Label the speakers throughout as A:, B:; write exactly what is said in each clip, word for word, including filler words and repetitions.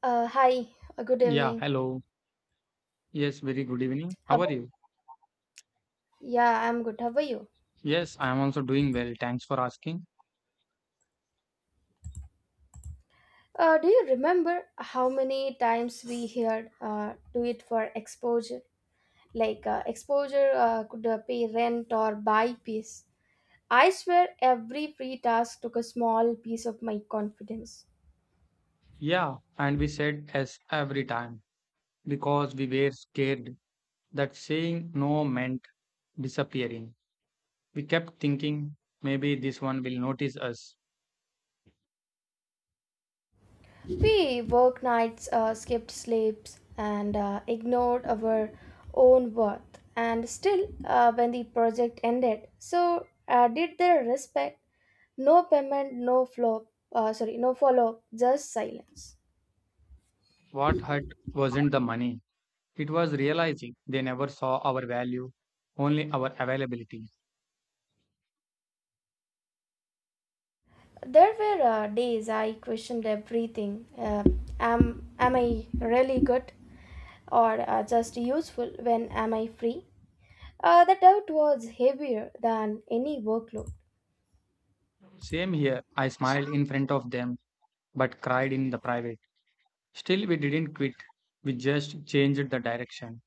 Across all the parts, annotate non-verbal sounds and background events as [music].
A: Uh, hi, uh, good
B: Yeah,
A: evening.
B: hello. Yes, very good evening.
A: How
B: How are
A: about,
B: you?
A: yeah, I'm good. How are you?
B: Yes, I am also doing well. Thanks for asking.
A: Uh, do you remember how many times we heard uh, do it for exposure? Like uh, exposure uh, could uh, pay rent or buy peace. I swear every free task took a small piece of my confidence.
B: Yeah, and we said yes every time because we were scared that saying no meant disappearing. We kept thinking maybe this one will notice us.
A: We worked nights, uh, skipped sleeps, and uh, ignored our own worth. And still, uh, when the project ended, so uh, did their respect. No payment, no flow, uh, sorry, no follow up, just silence.
B: What hurt wasn't the money, it was realizing they never saw our value, only our availability.
A: There were uh, days I questioned everything. Uh, am, am I really good or uh, just useful when am I free? Uh, the doubt was heavier than any workload.
B: Same here, I smiled in front of them but cried in the private. Still, we didn't quit, we just changed the direction.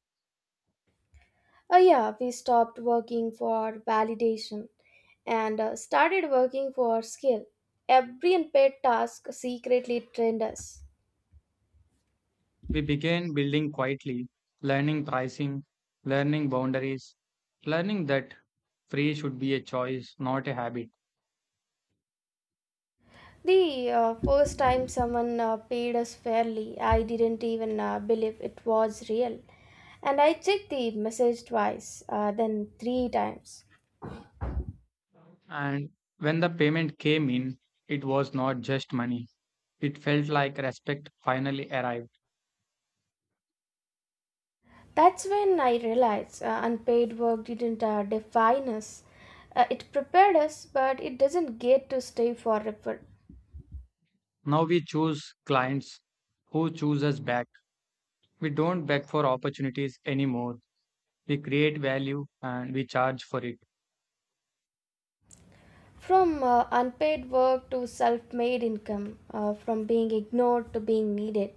A: Uh, yeah, we stopped working for validation and uh, started working for skill. Every unpaid task secretly trained us.
B: We began building quietly, learning pricing, learning boundaries, learning that free should be a choice, not a habit.
A: The uh, first time someone uh, paid us fairly, I didn't even uh, believe it was real. And I checked the message twice, uh, then three times.
B: And when the payment came in, it was not just money. It felt like respect finally arrived.
A: That's when I realized uh, unpaid work didn't uh, define us. Uh, it prepared us, but it doesn't get to stay forever.
B: Now we choose clients who choose us back. We don't beg for opportunities anymore. We create value and we charge for it.
A: From uh, unpaid work to self made income, uh, from being ignored to being needed.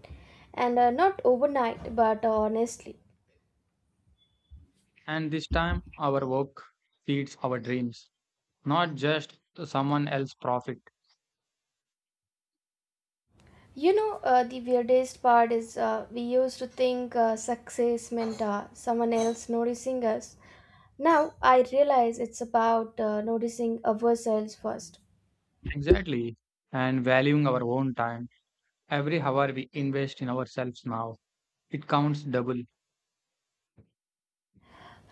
A: And uh, not overnight, but honestly.
B: And this time, our work feeds our dreams, not just someone else's profit.
A: You know, uh, the weirdest part is uh, we used to think uh, success meant uh, someone else noticing us. Now I realize it's about uh, noticing ourselves first.
B: Exactly. And valuing our own time. Every hour we invest in ourselves now, it counts double.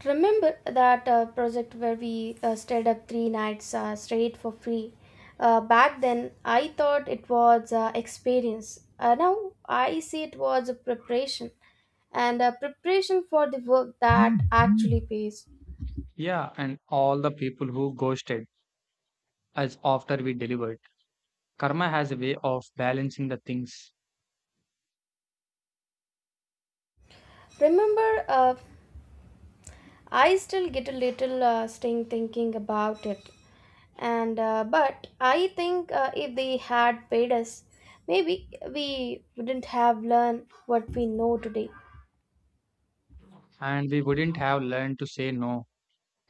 A: Remember that uh, project where we uh, stayed up three nights uh, straight for free? Uh, back then, I thought it was uh, experience. Uh, now I see it was a preparation and a preparation for the work that actually pays.
B: Yeah, and all the people who ghosted us after we delivered. Karma has a way of balancing the things
A: Remember. Uh, I still get a little uh, sting thinking about it, and uh, but I think uh, if they had paid us, maybe we wouldn't have learned what we know today.
B: and we wouldn't have learned to say no.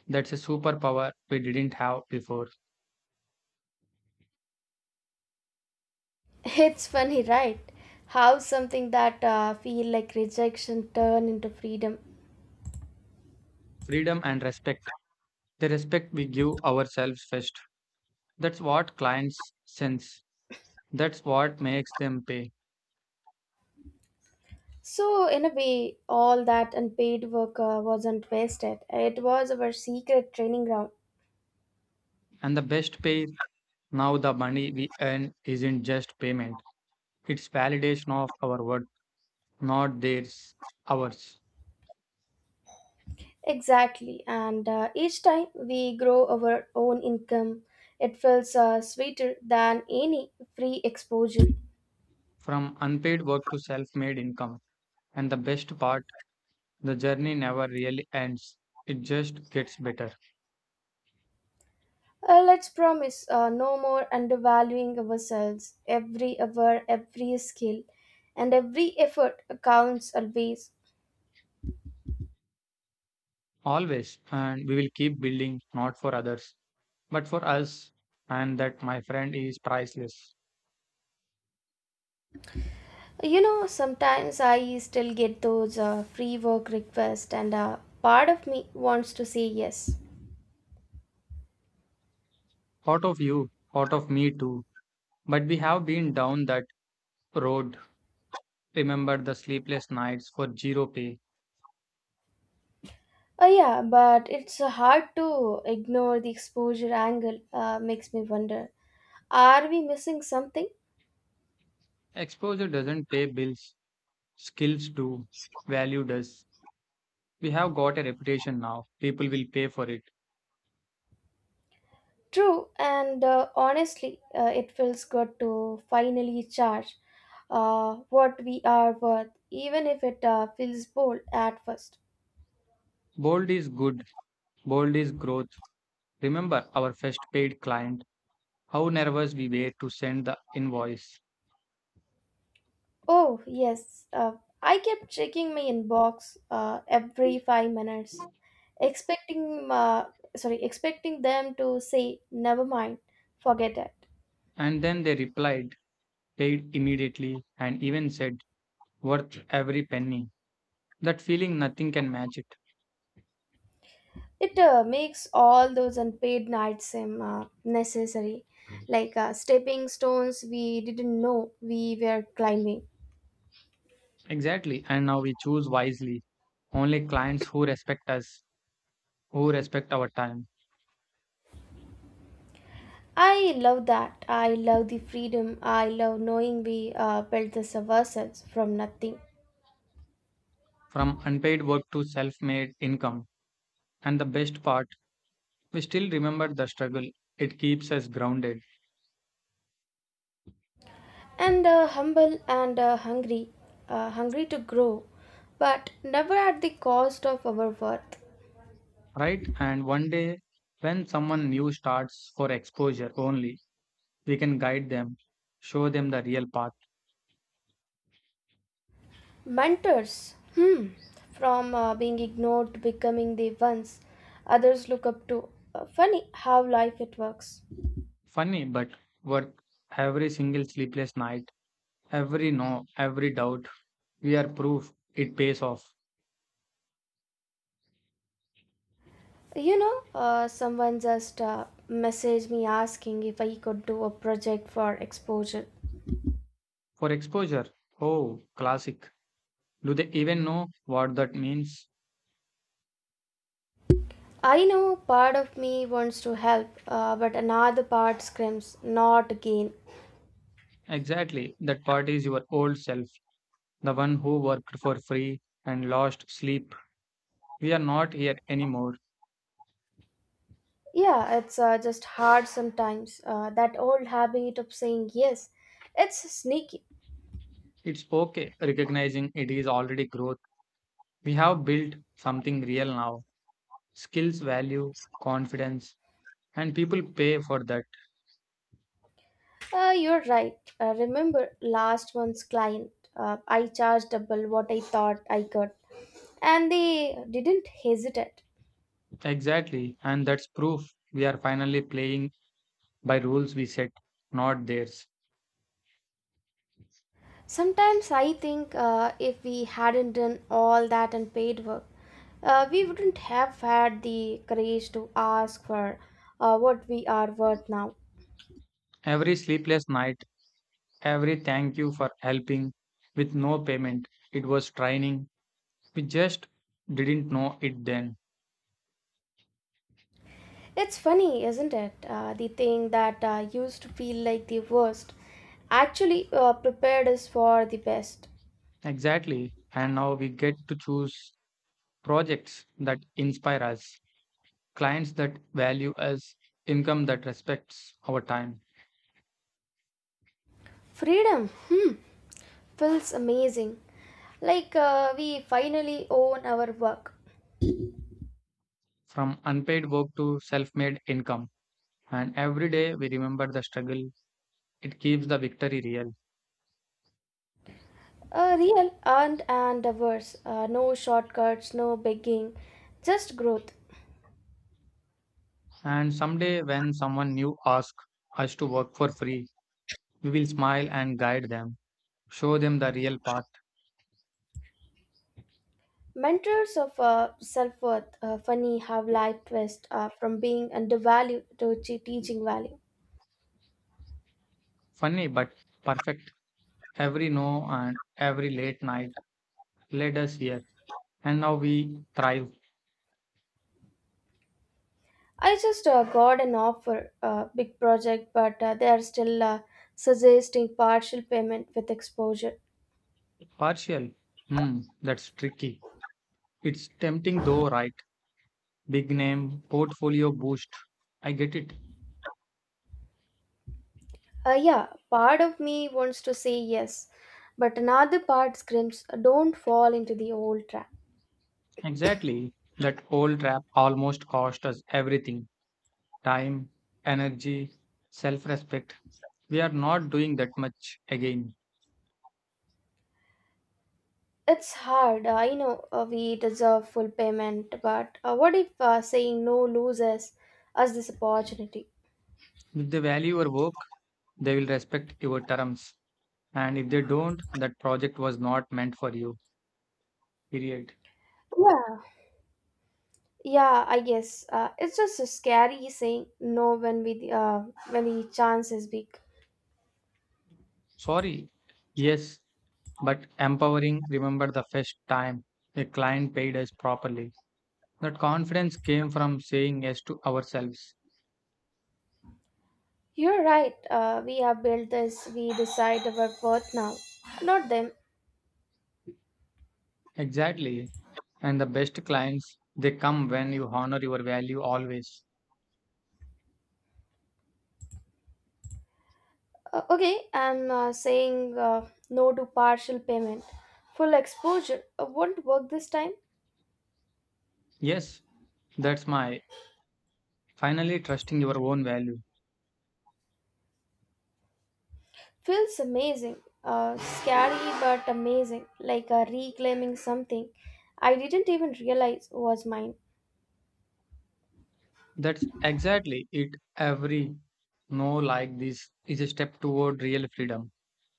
B: That's a superpower we didn't have before.
A: [laughs] It's funny, right? How something that uh, feel like rejection turn into freedom.
B: Freedom and respect. The respect we give ourselves first. That's what clients sense. That's what makes them pay.
A: So in a way, all that unpaid work uh, wasn't wasted. It was our secret training ground.
B: And the best pay now the money we earn isn't just payment. It's validation of our work, not theirs, ours.
A: Exactly, and uh, each time we grow our own income, it feels uh, sweeter than any free exposure.
B: From unpaid work to self-made income. And the best part, the journey never really ends. It just gets better.
A: Uh, let's promise uh, no more undervaluing ourselves. Every hour, every skill, and every effort counts always.
B: Always, and we will keep building not for others, but for us, and that, my friend, is priceless.
A: You know, sometimes I still get those uh, free work requests, and uh, part of me wants to say yes.
B: Thought of you, thought of me too, but we have been down that road. Remember the sleepless nights for zero pay.
A: Uh, yeah, but it's hard to ignore the exposure angle, uh, makes me wonder. Are we missing something?
B: Exposure doesn't pay bills, skills do, value does. We have got a reputation now, people will pay for it.
A: True, and uh, honestly, uh, it feels good to finally charge uh, what we are worth, even if it uh, feels bold at first.
B: Bold is good, bold is growth. Remember our first paid client, how nervous we were to send the invoice.
A: Oh, yes, uh, I kept checking my inbox uh, every five minutes, expecting, uh, sorry, expecting them to say, never mind, forget it.
B: And then they replied, paid immediately, and even said, worth every penny. That feeling, nothing can match it.
A: It uh, makes all those unpaid nights seem uh, necessary, like uh, stepping stones we didn't know we were climbing.
B: Exactly. And now we choose wisely. Only clients who respect us, who respect our time.
A: I love that. I love the freedom. I love knowing we uh, built this ourselves from nothing.
B: From unpaid work to self made income. And the best part, we still remember the struggle. It keeps us grounded,
A: And uh, humble and uh, hungry, uh, hungry to grow, but never at the cost of our worth.
B: right? And one day, when someone new starts for exposure only, we can guide them, show them the real path.
A: Mentors, hmm, from uh, being ignored to becoming the ones others look up to. Uh, funny how life it works.
B: Funny, but worth every single sleepless night. Every no, every doubt, we are proof it pays off.
A: You know, uh, someone just uh, messaged me asking if I could do a project for exposure.
B: For exposure, oh, classic. Do they even know what that means?
A: I know part of me wants to help, uh, but another part screams, not gain.
B: Exactly, that part is your old self, the one who worked for free and lost sleep. We are not here anymore.
A: Yeah, it's uh, just hard sometimes. Uh, that old habit of saying yes, it's sneaky.
B: It's okay, recognizing it is already growth. We have built something real now, skills, value, confidence, and people pay for that.
A: Uh, you're right. Uh, remember last month's client? Uh, I charged double what I thought I could, and they didn't hesitate.
B: Exactly, and that's proof we are finally playing by rules we set, not theirs.
A: Sometimes I think uh, if we hadn't done all that unpaid work, uh, we wouldn't have had the courage to ask for uh, what we are worth now.
B: Every sleepless night, every thank you for helping with no payment, it was training. We just didn't know it then.
A: It's funny, isn't it? Uh, the thing that uh, used to feel like the worst actually uh, prepared us for the best.
B: Exactly. And now we get to choose projects that inspire us, clients that value us, income that respects our time,
A: Freedom, hmm, feels amazing. Like uh, we finally own our work.
B: from unpaid work to self made income. And every day we remember the struggle, it keeps the victory real.
A: A real earned and diverse, uh, no shortcuts, no begging, just growth.
B: And someday, when someone new asks us to work for free, we will smile and guide them, show them the real path.
A: Mentors of uh, self worth, uh, funny how life twists uh, from being undervalued to che- teaching value.
B: Funny but perfect. Every no and every late night led us here, and now we thrive.
A: I just uh, got an offer, uh, big project, but uh, they are still uh, suggesting partial payment with exposure.
B: Partial. Hmm, that's tricky. It's tempting though, right? Big name, portfolio boost. I get it.
A: Uh, yeah, part of me wants to say yes, but another part screams, don't fall into the old trap.
B: Exactly. That old trap almost cost us everything, time, energy, self respect. We are not doing that much again.
A: It's hard, I know uh, we deserve full payment, but uh, what if uh, saying no loses us this opportunity?
B: If they value your work, they will respect your terms. And if they don't, that project was not meant for you. Period.
A: Yeah, yeah, I guess uh, it's just so scary saying no when we uh, when the chance is big.
B: Sorry. Yes, but empowering. Remember the first time a client paid us properly. That confidence came from saying yes to ourselves.
A: You're right. Uh, we have built this. We decide our worth now, not them.
B: Exactly. And the best clients, they come when you honor your value always.
A: Uh, okay, I'm uh, saying uh, no to partial payment. Full exposure uh, won't work this time.
B: Yes, that's my finally trusting your own value.
A: Feels amazing. Uh, scary but amazing. Like uh, reclaiming something I didn't even realize was mine.
B: That's exactly it. Every no like this is a step toward real freedom,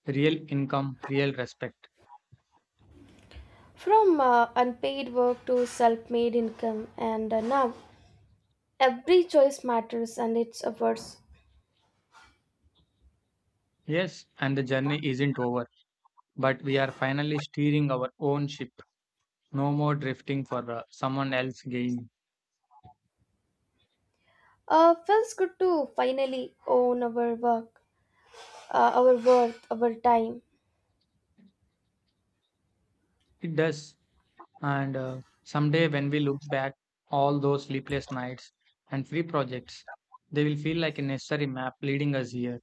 B: real income, real respect.
A: From uh, unpaid work to self made income, and uh, now every choice matters and it's a verse.
B: Yes, and the journey isn't over, but we are finally steering our own ship. No more drifting for uh, someone else's gain.
A: Uh, feels good to finally own our work, uh, our worth, our time.
B: It does. And uh, someday when we look back, all those sleepless nights and free projects, they will feel like a necessary map leading us here.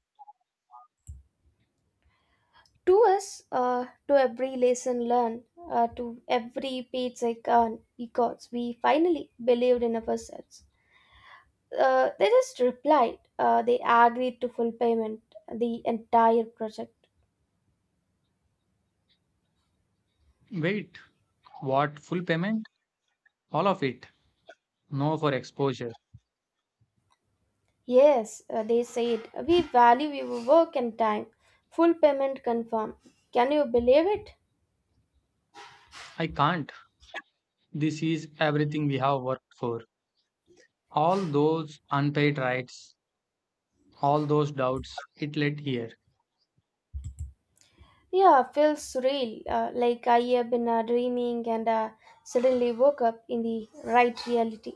A: To us, uh, to every lesson learned, uh, to every paycheck earned, because we finally believed in ourselves. Uh, they just replied. Uh, they agreed to full payment, the entire project.
B: Wait, what? Full payment? All of it? No for exposure.
A: Yes, uh, they said, we value your work and time. Full payment confirmed. Can you believe it?
B: I can't. This is everything we have worked for. All those unpaid rights, all those doubts, it led here.
A: Yeah, feels surreal. Uh, like I have been uh, dreaming and uh, suddenly woke up in the right reality.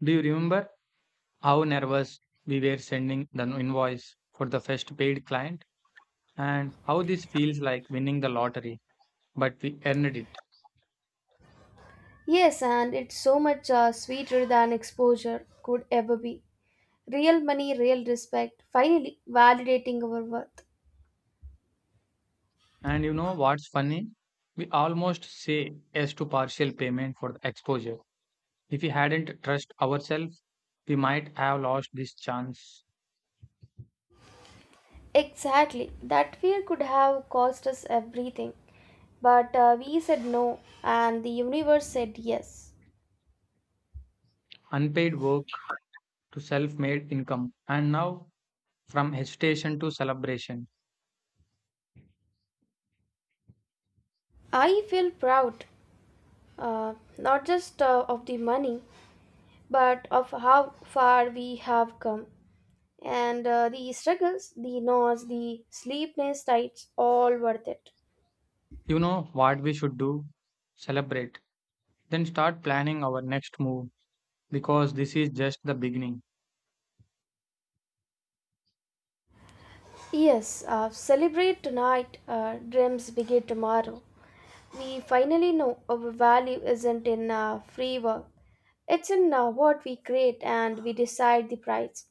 B: Do you remember how nervous we were sending the invoice for the first paid client and how this feels like winning the lottery, but we earned it.
A: Yes, and it's so much uh, sweeter than exposure could ever be. Real money, real respect, finally validating our worth.
B: And you know what's funny? We almost say yes to partial payment for the exposure. If we hadn't trust ourselves, we might have lost this chance.
A: Exactly, that fear could have cost us everything. But uh, we said no, and the universe said yes.
B: Unpaid work to self made income. And now from hesitation to celebration.
A: I feel proud, uh, not just uh, of the money, but of how far we have come. And uh, the struggles, the noise, the sleepless nights, all worth it.
B: You know what we should do? Celebrate. Then start planning our next move because this is just the beginning.
A: Yes, uh, celebrate tonight, uh, dreams begin tomorrow. We finally know our value isn't in uh, free work, it's in uh, what we create and we decide the price.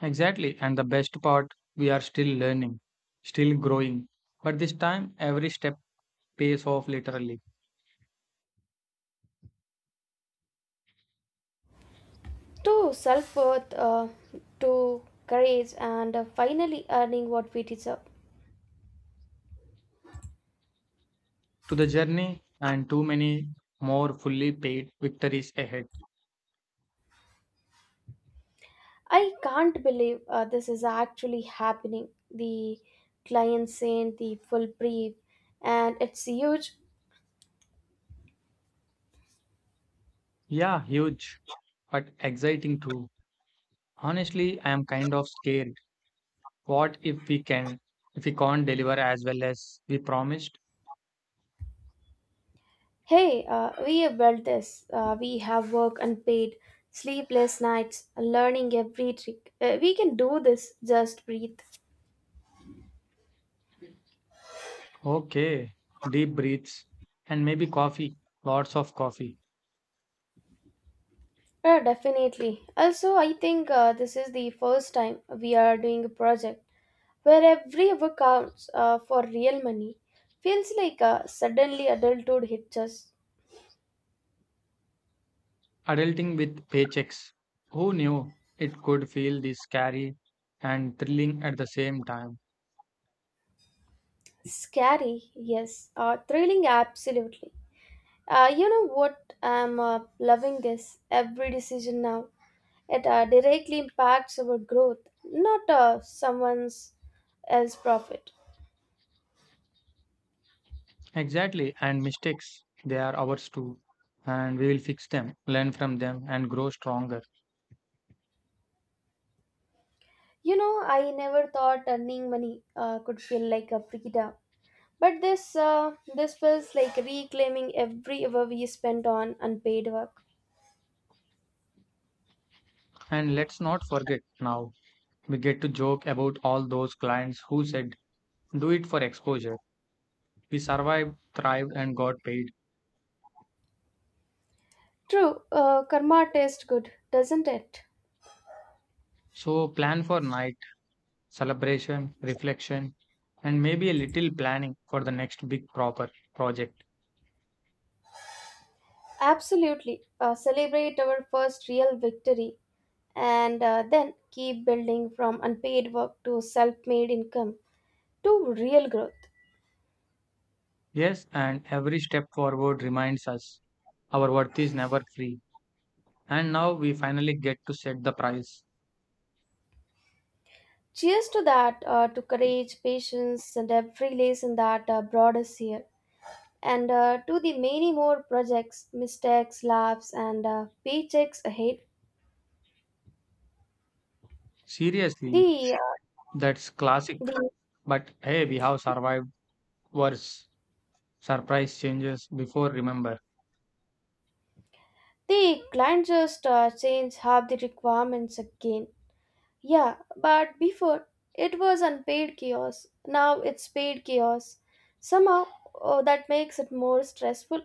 B: Exactly. And the best part, we are still learning, still growing. But this time, every step pays off literally,
A: To self worth, uh, to courage, and uh, finally earning what we deserve.
B: to the journey and too many more fully paid victories ahead.
A: I can't believe uh, this is actually happening. The client sent the full brief, and it's huge.
B: Yeah, huge, but exciting too. Honestly, I am kind of scared. What if we can, If we can't deliver as well as we promised?
A: Hey, uh, we have built this. Uh, we have work unpaid, sleepless nights, learning every trick. Uh, we can do this. Just breathe.
B: Okay, deep breaths and maybe coffee, lots of coffee.
A: Uh, definitely. Also, I think uh, this is the first time we are doing a project where every hour counts uh, for real money. Feels like uh, suddenly adulthood hits us.
B: Adulting with paychecks. Who knew it could feel this scary and thrilling at the same time?
A: Scary, yes. Uh, thrilling, absolutely. Uh, you know what? I'm uh, loving this. Every decision now, it uh, directly impacts our growth, not uh, someone's else profit.
B: Exactly, and mistakes, they are ours too. And we will fix them, learn from them, and grow stronger.
A: You know, I never thought earning money uh, could feel like a freedom, but this uh, this feels like reclaiming every hour we spent on unpaid work.
B: And let's not forget now, we get to joke about all those clients who said, do it for exposure. We survived, thrived, and got paid.
A: True, uh, karma tastes good, doesn't it?
B: So plan for night celebration, reflection, and maybe a little planning for the next big proper project.
A: Absolutely. Uh, celebrate our first real victory and uh, then keep building from unpaid work to self made income to real growth.
B: Yes, and every step forward reminds us our worth is never free. And now we finally get to set the price.
A: Cheers to that, uh, to courage, patience, and every lesson that uh, brought us here. And uh, to the many more projects, mistakes, laughs, and uh, paychecks ahead.
B: Seriously,
A: The, uh,
B: that's classic.
A: the,
B: But hey, we have survived worse. Surprise changes before, remember.
A: the client just uh, changed half the requirements again. Yeah, but before, it was unpaid chaos. Now it's paid chaos. Somehow, oh, that makes it more stressful.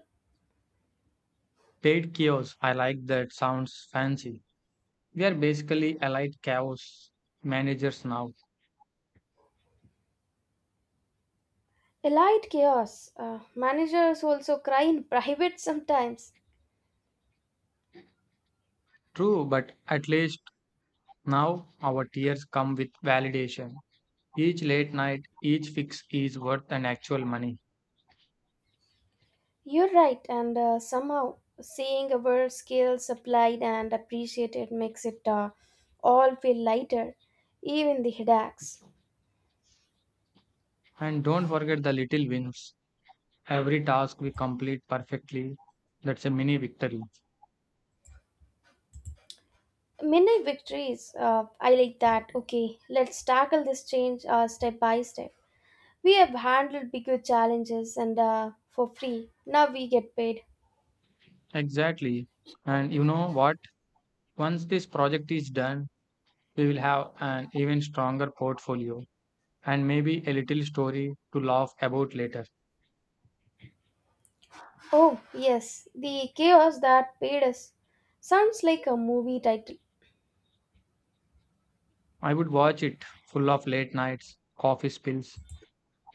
B: Paid chaos. I like that. Sounds fancy. We are basically allied chaos managers now.
A: Elite chaos. Uh, managers also cry in [laughs] private sometimes.
B: True, but at least now our tears come with validation. Each late night, each fix is worth an actual money.
A: You're right, and uh, somehow seeing our skills applied and appreciated makes it uh, all feel lighter, even the headaches.
B: And don't forget the little wins. Every task we complete perfectly, that's a mini victory.
A: Midnight victories, uh, I like that. Okay, let's tackle this change uh, step by step. We have handled bigger challenges and uh, for free. Now we get paid.
B: Exactly. And you know what? Once this project is done, we will have an even stronger portfolio and maybe a little story to laugh about later.
A: Oh, yes, the chaos that paid us. Sounds like a movie title.
B: I would watch it, full of late nights, coffee spills,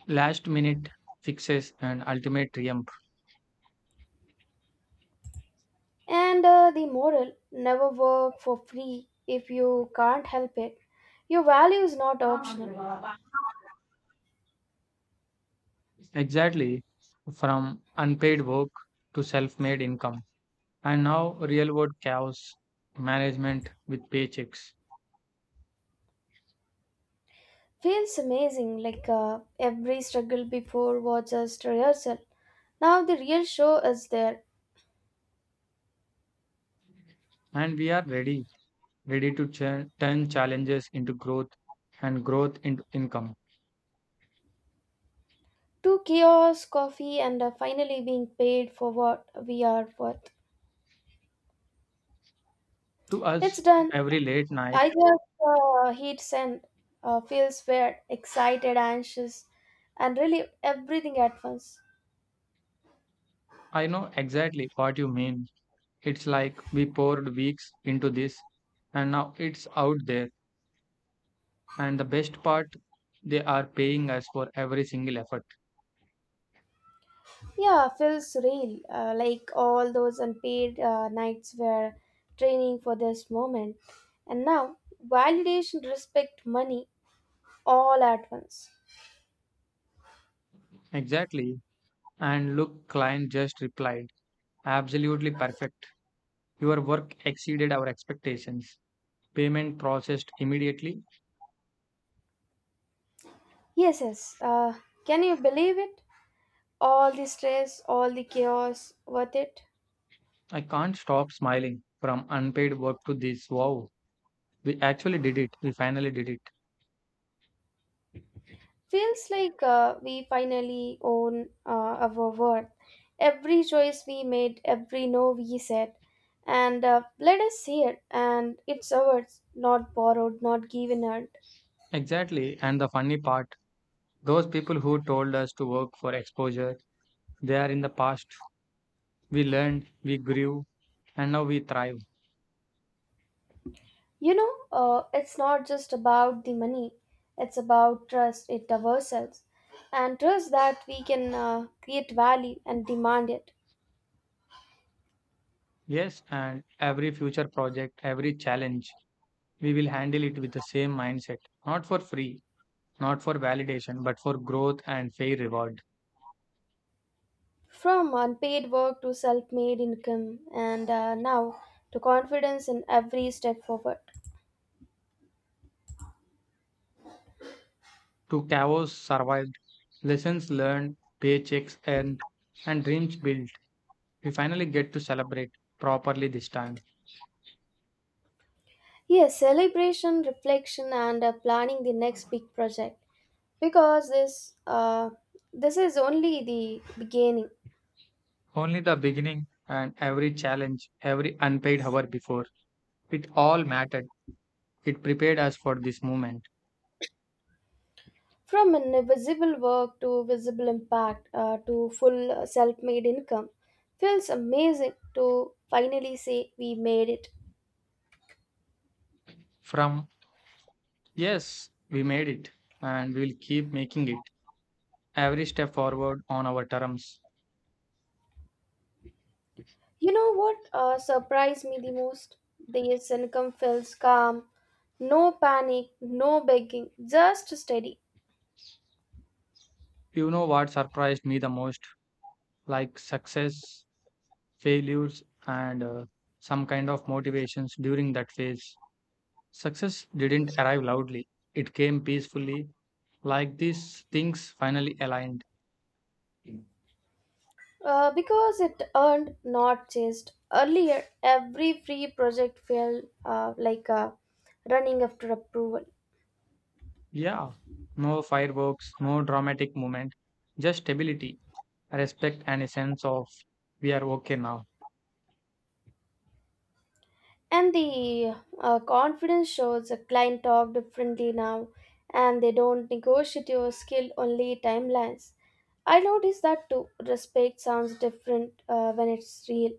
B: last minute fixes, and ultimate triumphs.
A: And uh, the moral never work for free if you can't help it. Your value is not optional.
B: Exactly, from unpaid work to self made income, and now real world chaos management with paychecks.
A: Feels amazing, like uh, every struggle before was just rehearsal. Now the real show is there.
B: And we are ready, ready to ch- turn challenges into growth and growth into income.
A: Two kiosks, coffee, and uh, finally being paid for what we are worth.
B: To us,
A: It's done.
B: every late night,
A: I just uh, hit send. Uh, feels weird, excited, anxious, and really everything at once.
B: I know exactly what you mean. It's like we poured weeks into this, and now it's out there. And the best part, they are paying us for every single effort.
A: Yeah, feels real. Uh, like all those unpaid uh, nights were training for this moment. And now, validation, respect, money, all at once.
B: Exactly. And look, client just replied. Absolutely perfect. Your work exceeded our expectations. Payment processed immediately.
A: Yes, yes. Uh, can you believe it? All the stress, all the chaos, worth it?
B: I can't stop smiling from unpaid work to this. Wow, we actually did it. We finally did it.
A: Feels like uh, we finally own uh, our worth. Every choice we made, every no we said. And uh, let us see it. And it's ours, not borrowed, not given out.
B: Exactly. And the funny part, those people who told us to work for exposure, they are in the past. We learned, we grew, and now we thrive.
A: You know, uh, it's not just about the money, it's about trust it ourselves and trust that we can uh, create value and demand it.
B: Yes, and every future project, every challenge, we will handle it with the same mindset. Not for free, not for validation, but for growth and fair reward.
A: From unpaid work to self made income, and uh, now to confidence in every step forward.
B: To chaos survived, lessons learned, paychecks earned, and dreams built. We finally get to celebrate properly this time.
A: Yes, celebration, reflection, and uh, planning the next big project because this uh, this is only the beginning.
B: Only the beginning, and every challenge, every unpaid hour before, it all mattered. It prepared us for this moment.
A: From invisible work to visible impact uh, to full self made income feels amazing to finally say we made it.
B: From yes, we made it, and we will keep making it every step forward on our terms.
A: You know what uh, surprised me the most? This income feels calm, no panic, no begging, just steady.
B: You know what surprised me the most? Like success, failures, and uh, some kind of motivations during that phase. Success didn't arrive loudly, it came peacefully, like these things finally aligned.
A: Uh, because it earned, not chased. Earlier, every free project felt uh, like uh, running after approval.
B: Yeah, no fireworks, no dramatic moment, just stability, respect, and a sense of we are okay now.
A: And the uh, confidence shows a client talk differently now and they don't negotiate your skill only timelines. I notice that too. Respect sounds different uh, when it's real.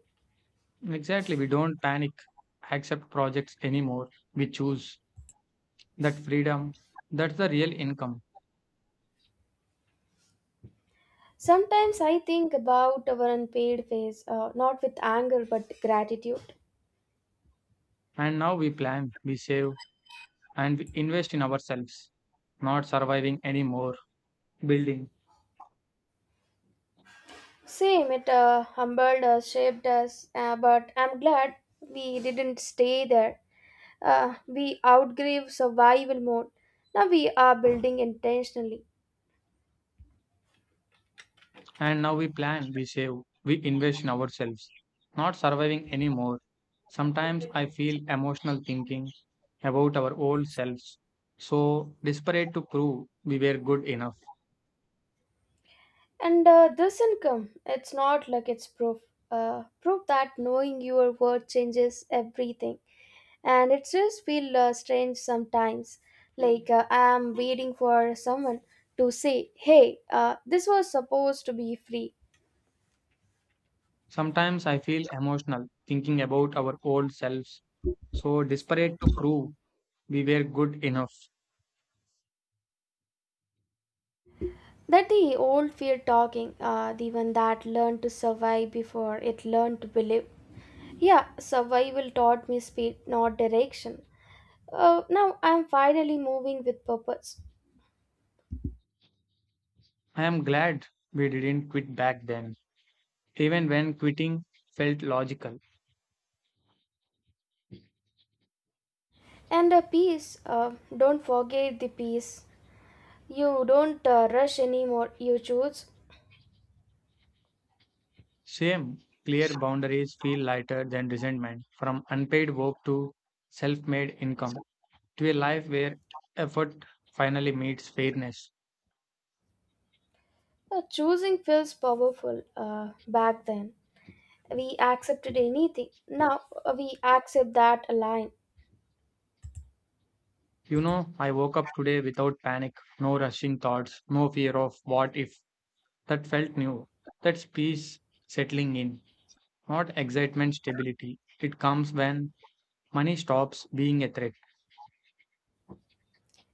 B: Exactly, we don't panic, accept projects anymore. We choose that freedom, that's the real income.
A: Sometimes I think about our unpaid phase, uh, not with anger but gratitude.
B: And now we plan, we save, and we invest in ourselves, not surviving anymore, building.
A: Same, it uh, humbled us, shaped us, uh, but I'm glad we didn't stay there. Uh, we outgrew survival mode. Now we are building intentionally.
B: And now we plan, we save, we invest in ourselves, not surviving anymore. Sometimes I feel emotional thinking about our old selves, so desperate to prove we were good enough.
A: And uh, this income, it's not like it's proof. Uh, proof that knowing your worth changes everything. And it just feels uh, strange sometimes. Like uh, I'm waiting for someone to say, hey, uh, this was supposed to be free.
B: Sometimes I feel emotional thinking about our old selves, so desperate to prove we were good enough.
A: That the old fear talking, uh, the one that learned to survive before it learned to believe. Yeah, survival taught me speed, not direction. Uh, now I'm finally moving with purpose.
B: I am glad we didn't quit back then, even when quitting felt logical.
A: And a peace, uh, don't forget the peace. You don't uh, rush anymore, you choose.
B: Shame, clear boundaries feel lighter than resentment. From unpaid work to self made income to a life where effort finally meets fairness.
A: Uh, choosing feels powerful uh, back then. We accepted anything. Now uh, we accept that line.
B: You know, I woke up today without panic, no rushing thoughts, no fear of what if. That felt new. That's peace settling in, not excitement stability. It comes when money stops being a threat.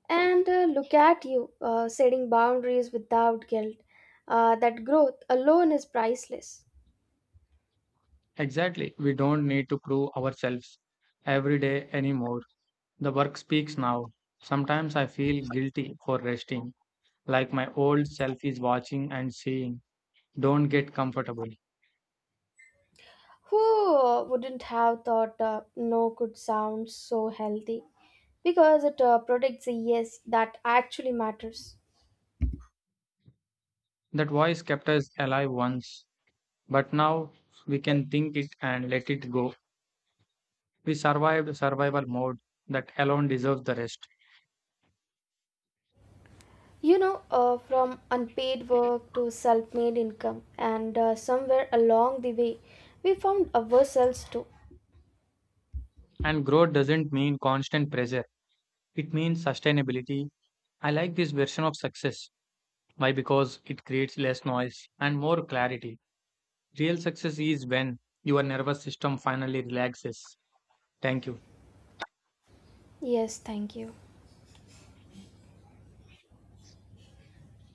A: And uh, look at you, uh, setting boundaries without guilt. Uh, that growth alone is priceless.
B: Exactly, we don't need to prove ourselves every day anymore. The work speaks now. Sometimes I feel guilty for resting, like my old self is watching and saying, don't get comfortable.
A: Who uh, wouldn't have thought uh, no could sound so healthy? Because it uh, protects the yes that actually matters.
B: That voice kept us alive once, but now we can think it and let it go. We survived survival mode, that alone deserves the rest.
A: You know, uh, from unpaid work to self made income, and uh, somewhere along the way, we found ourselves too.
B: And growth doesn't mean constant pressure, it means sustainability. I like this version of success. Why? Because it creates less noise and more clarity. Real success is when your nervous system finally relaxes. Thank you.
A: Yes, thank you.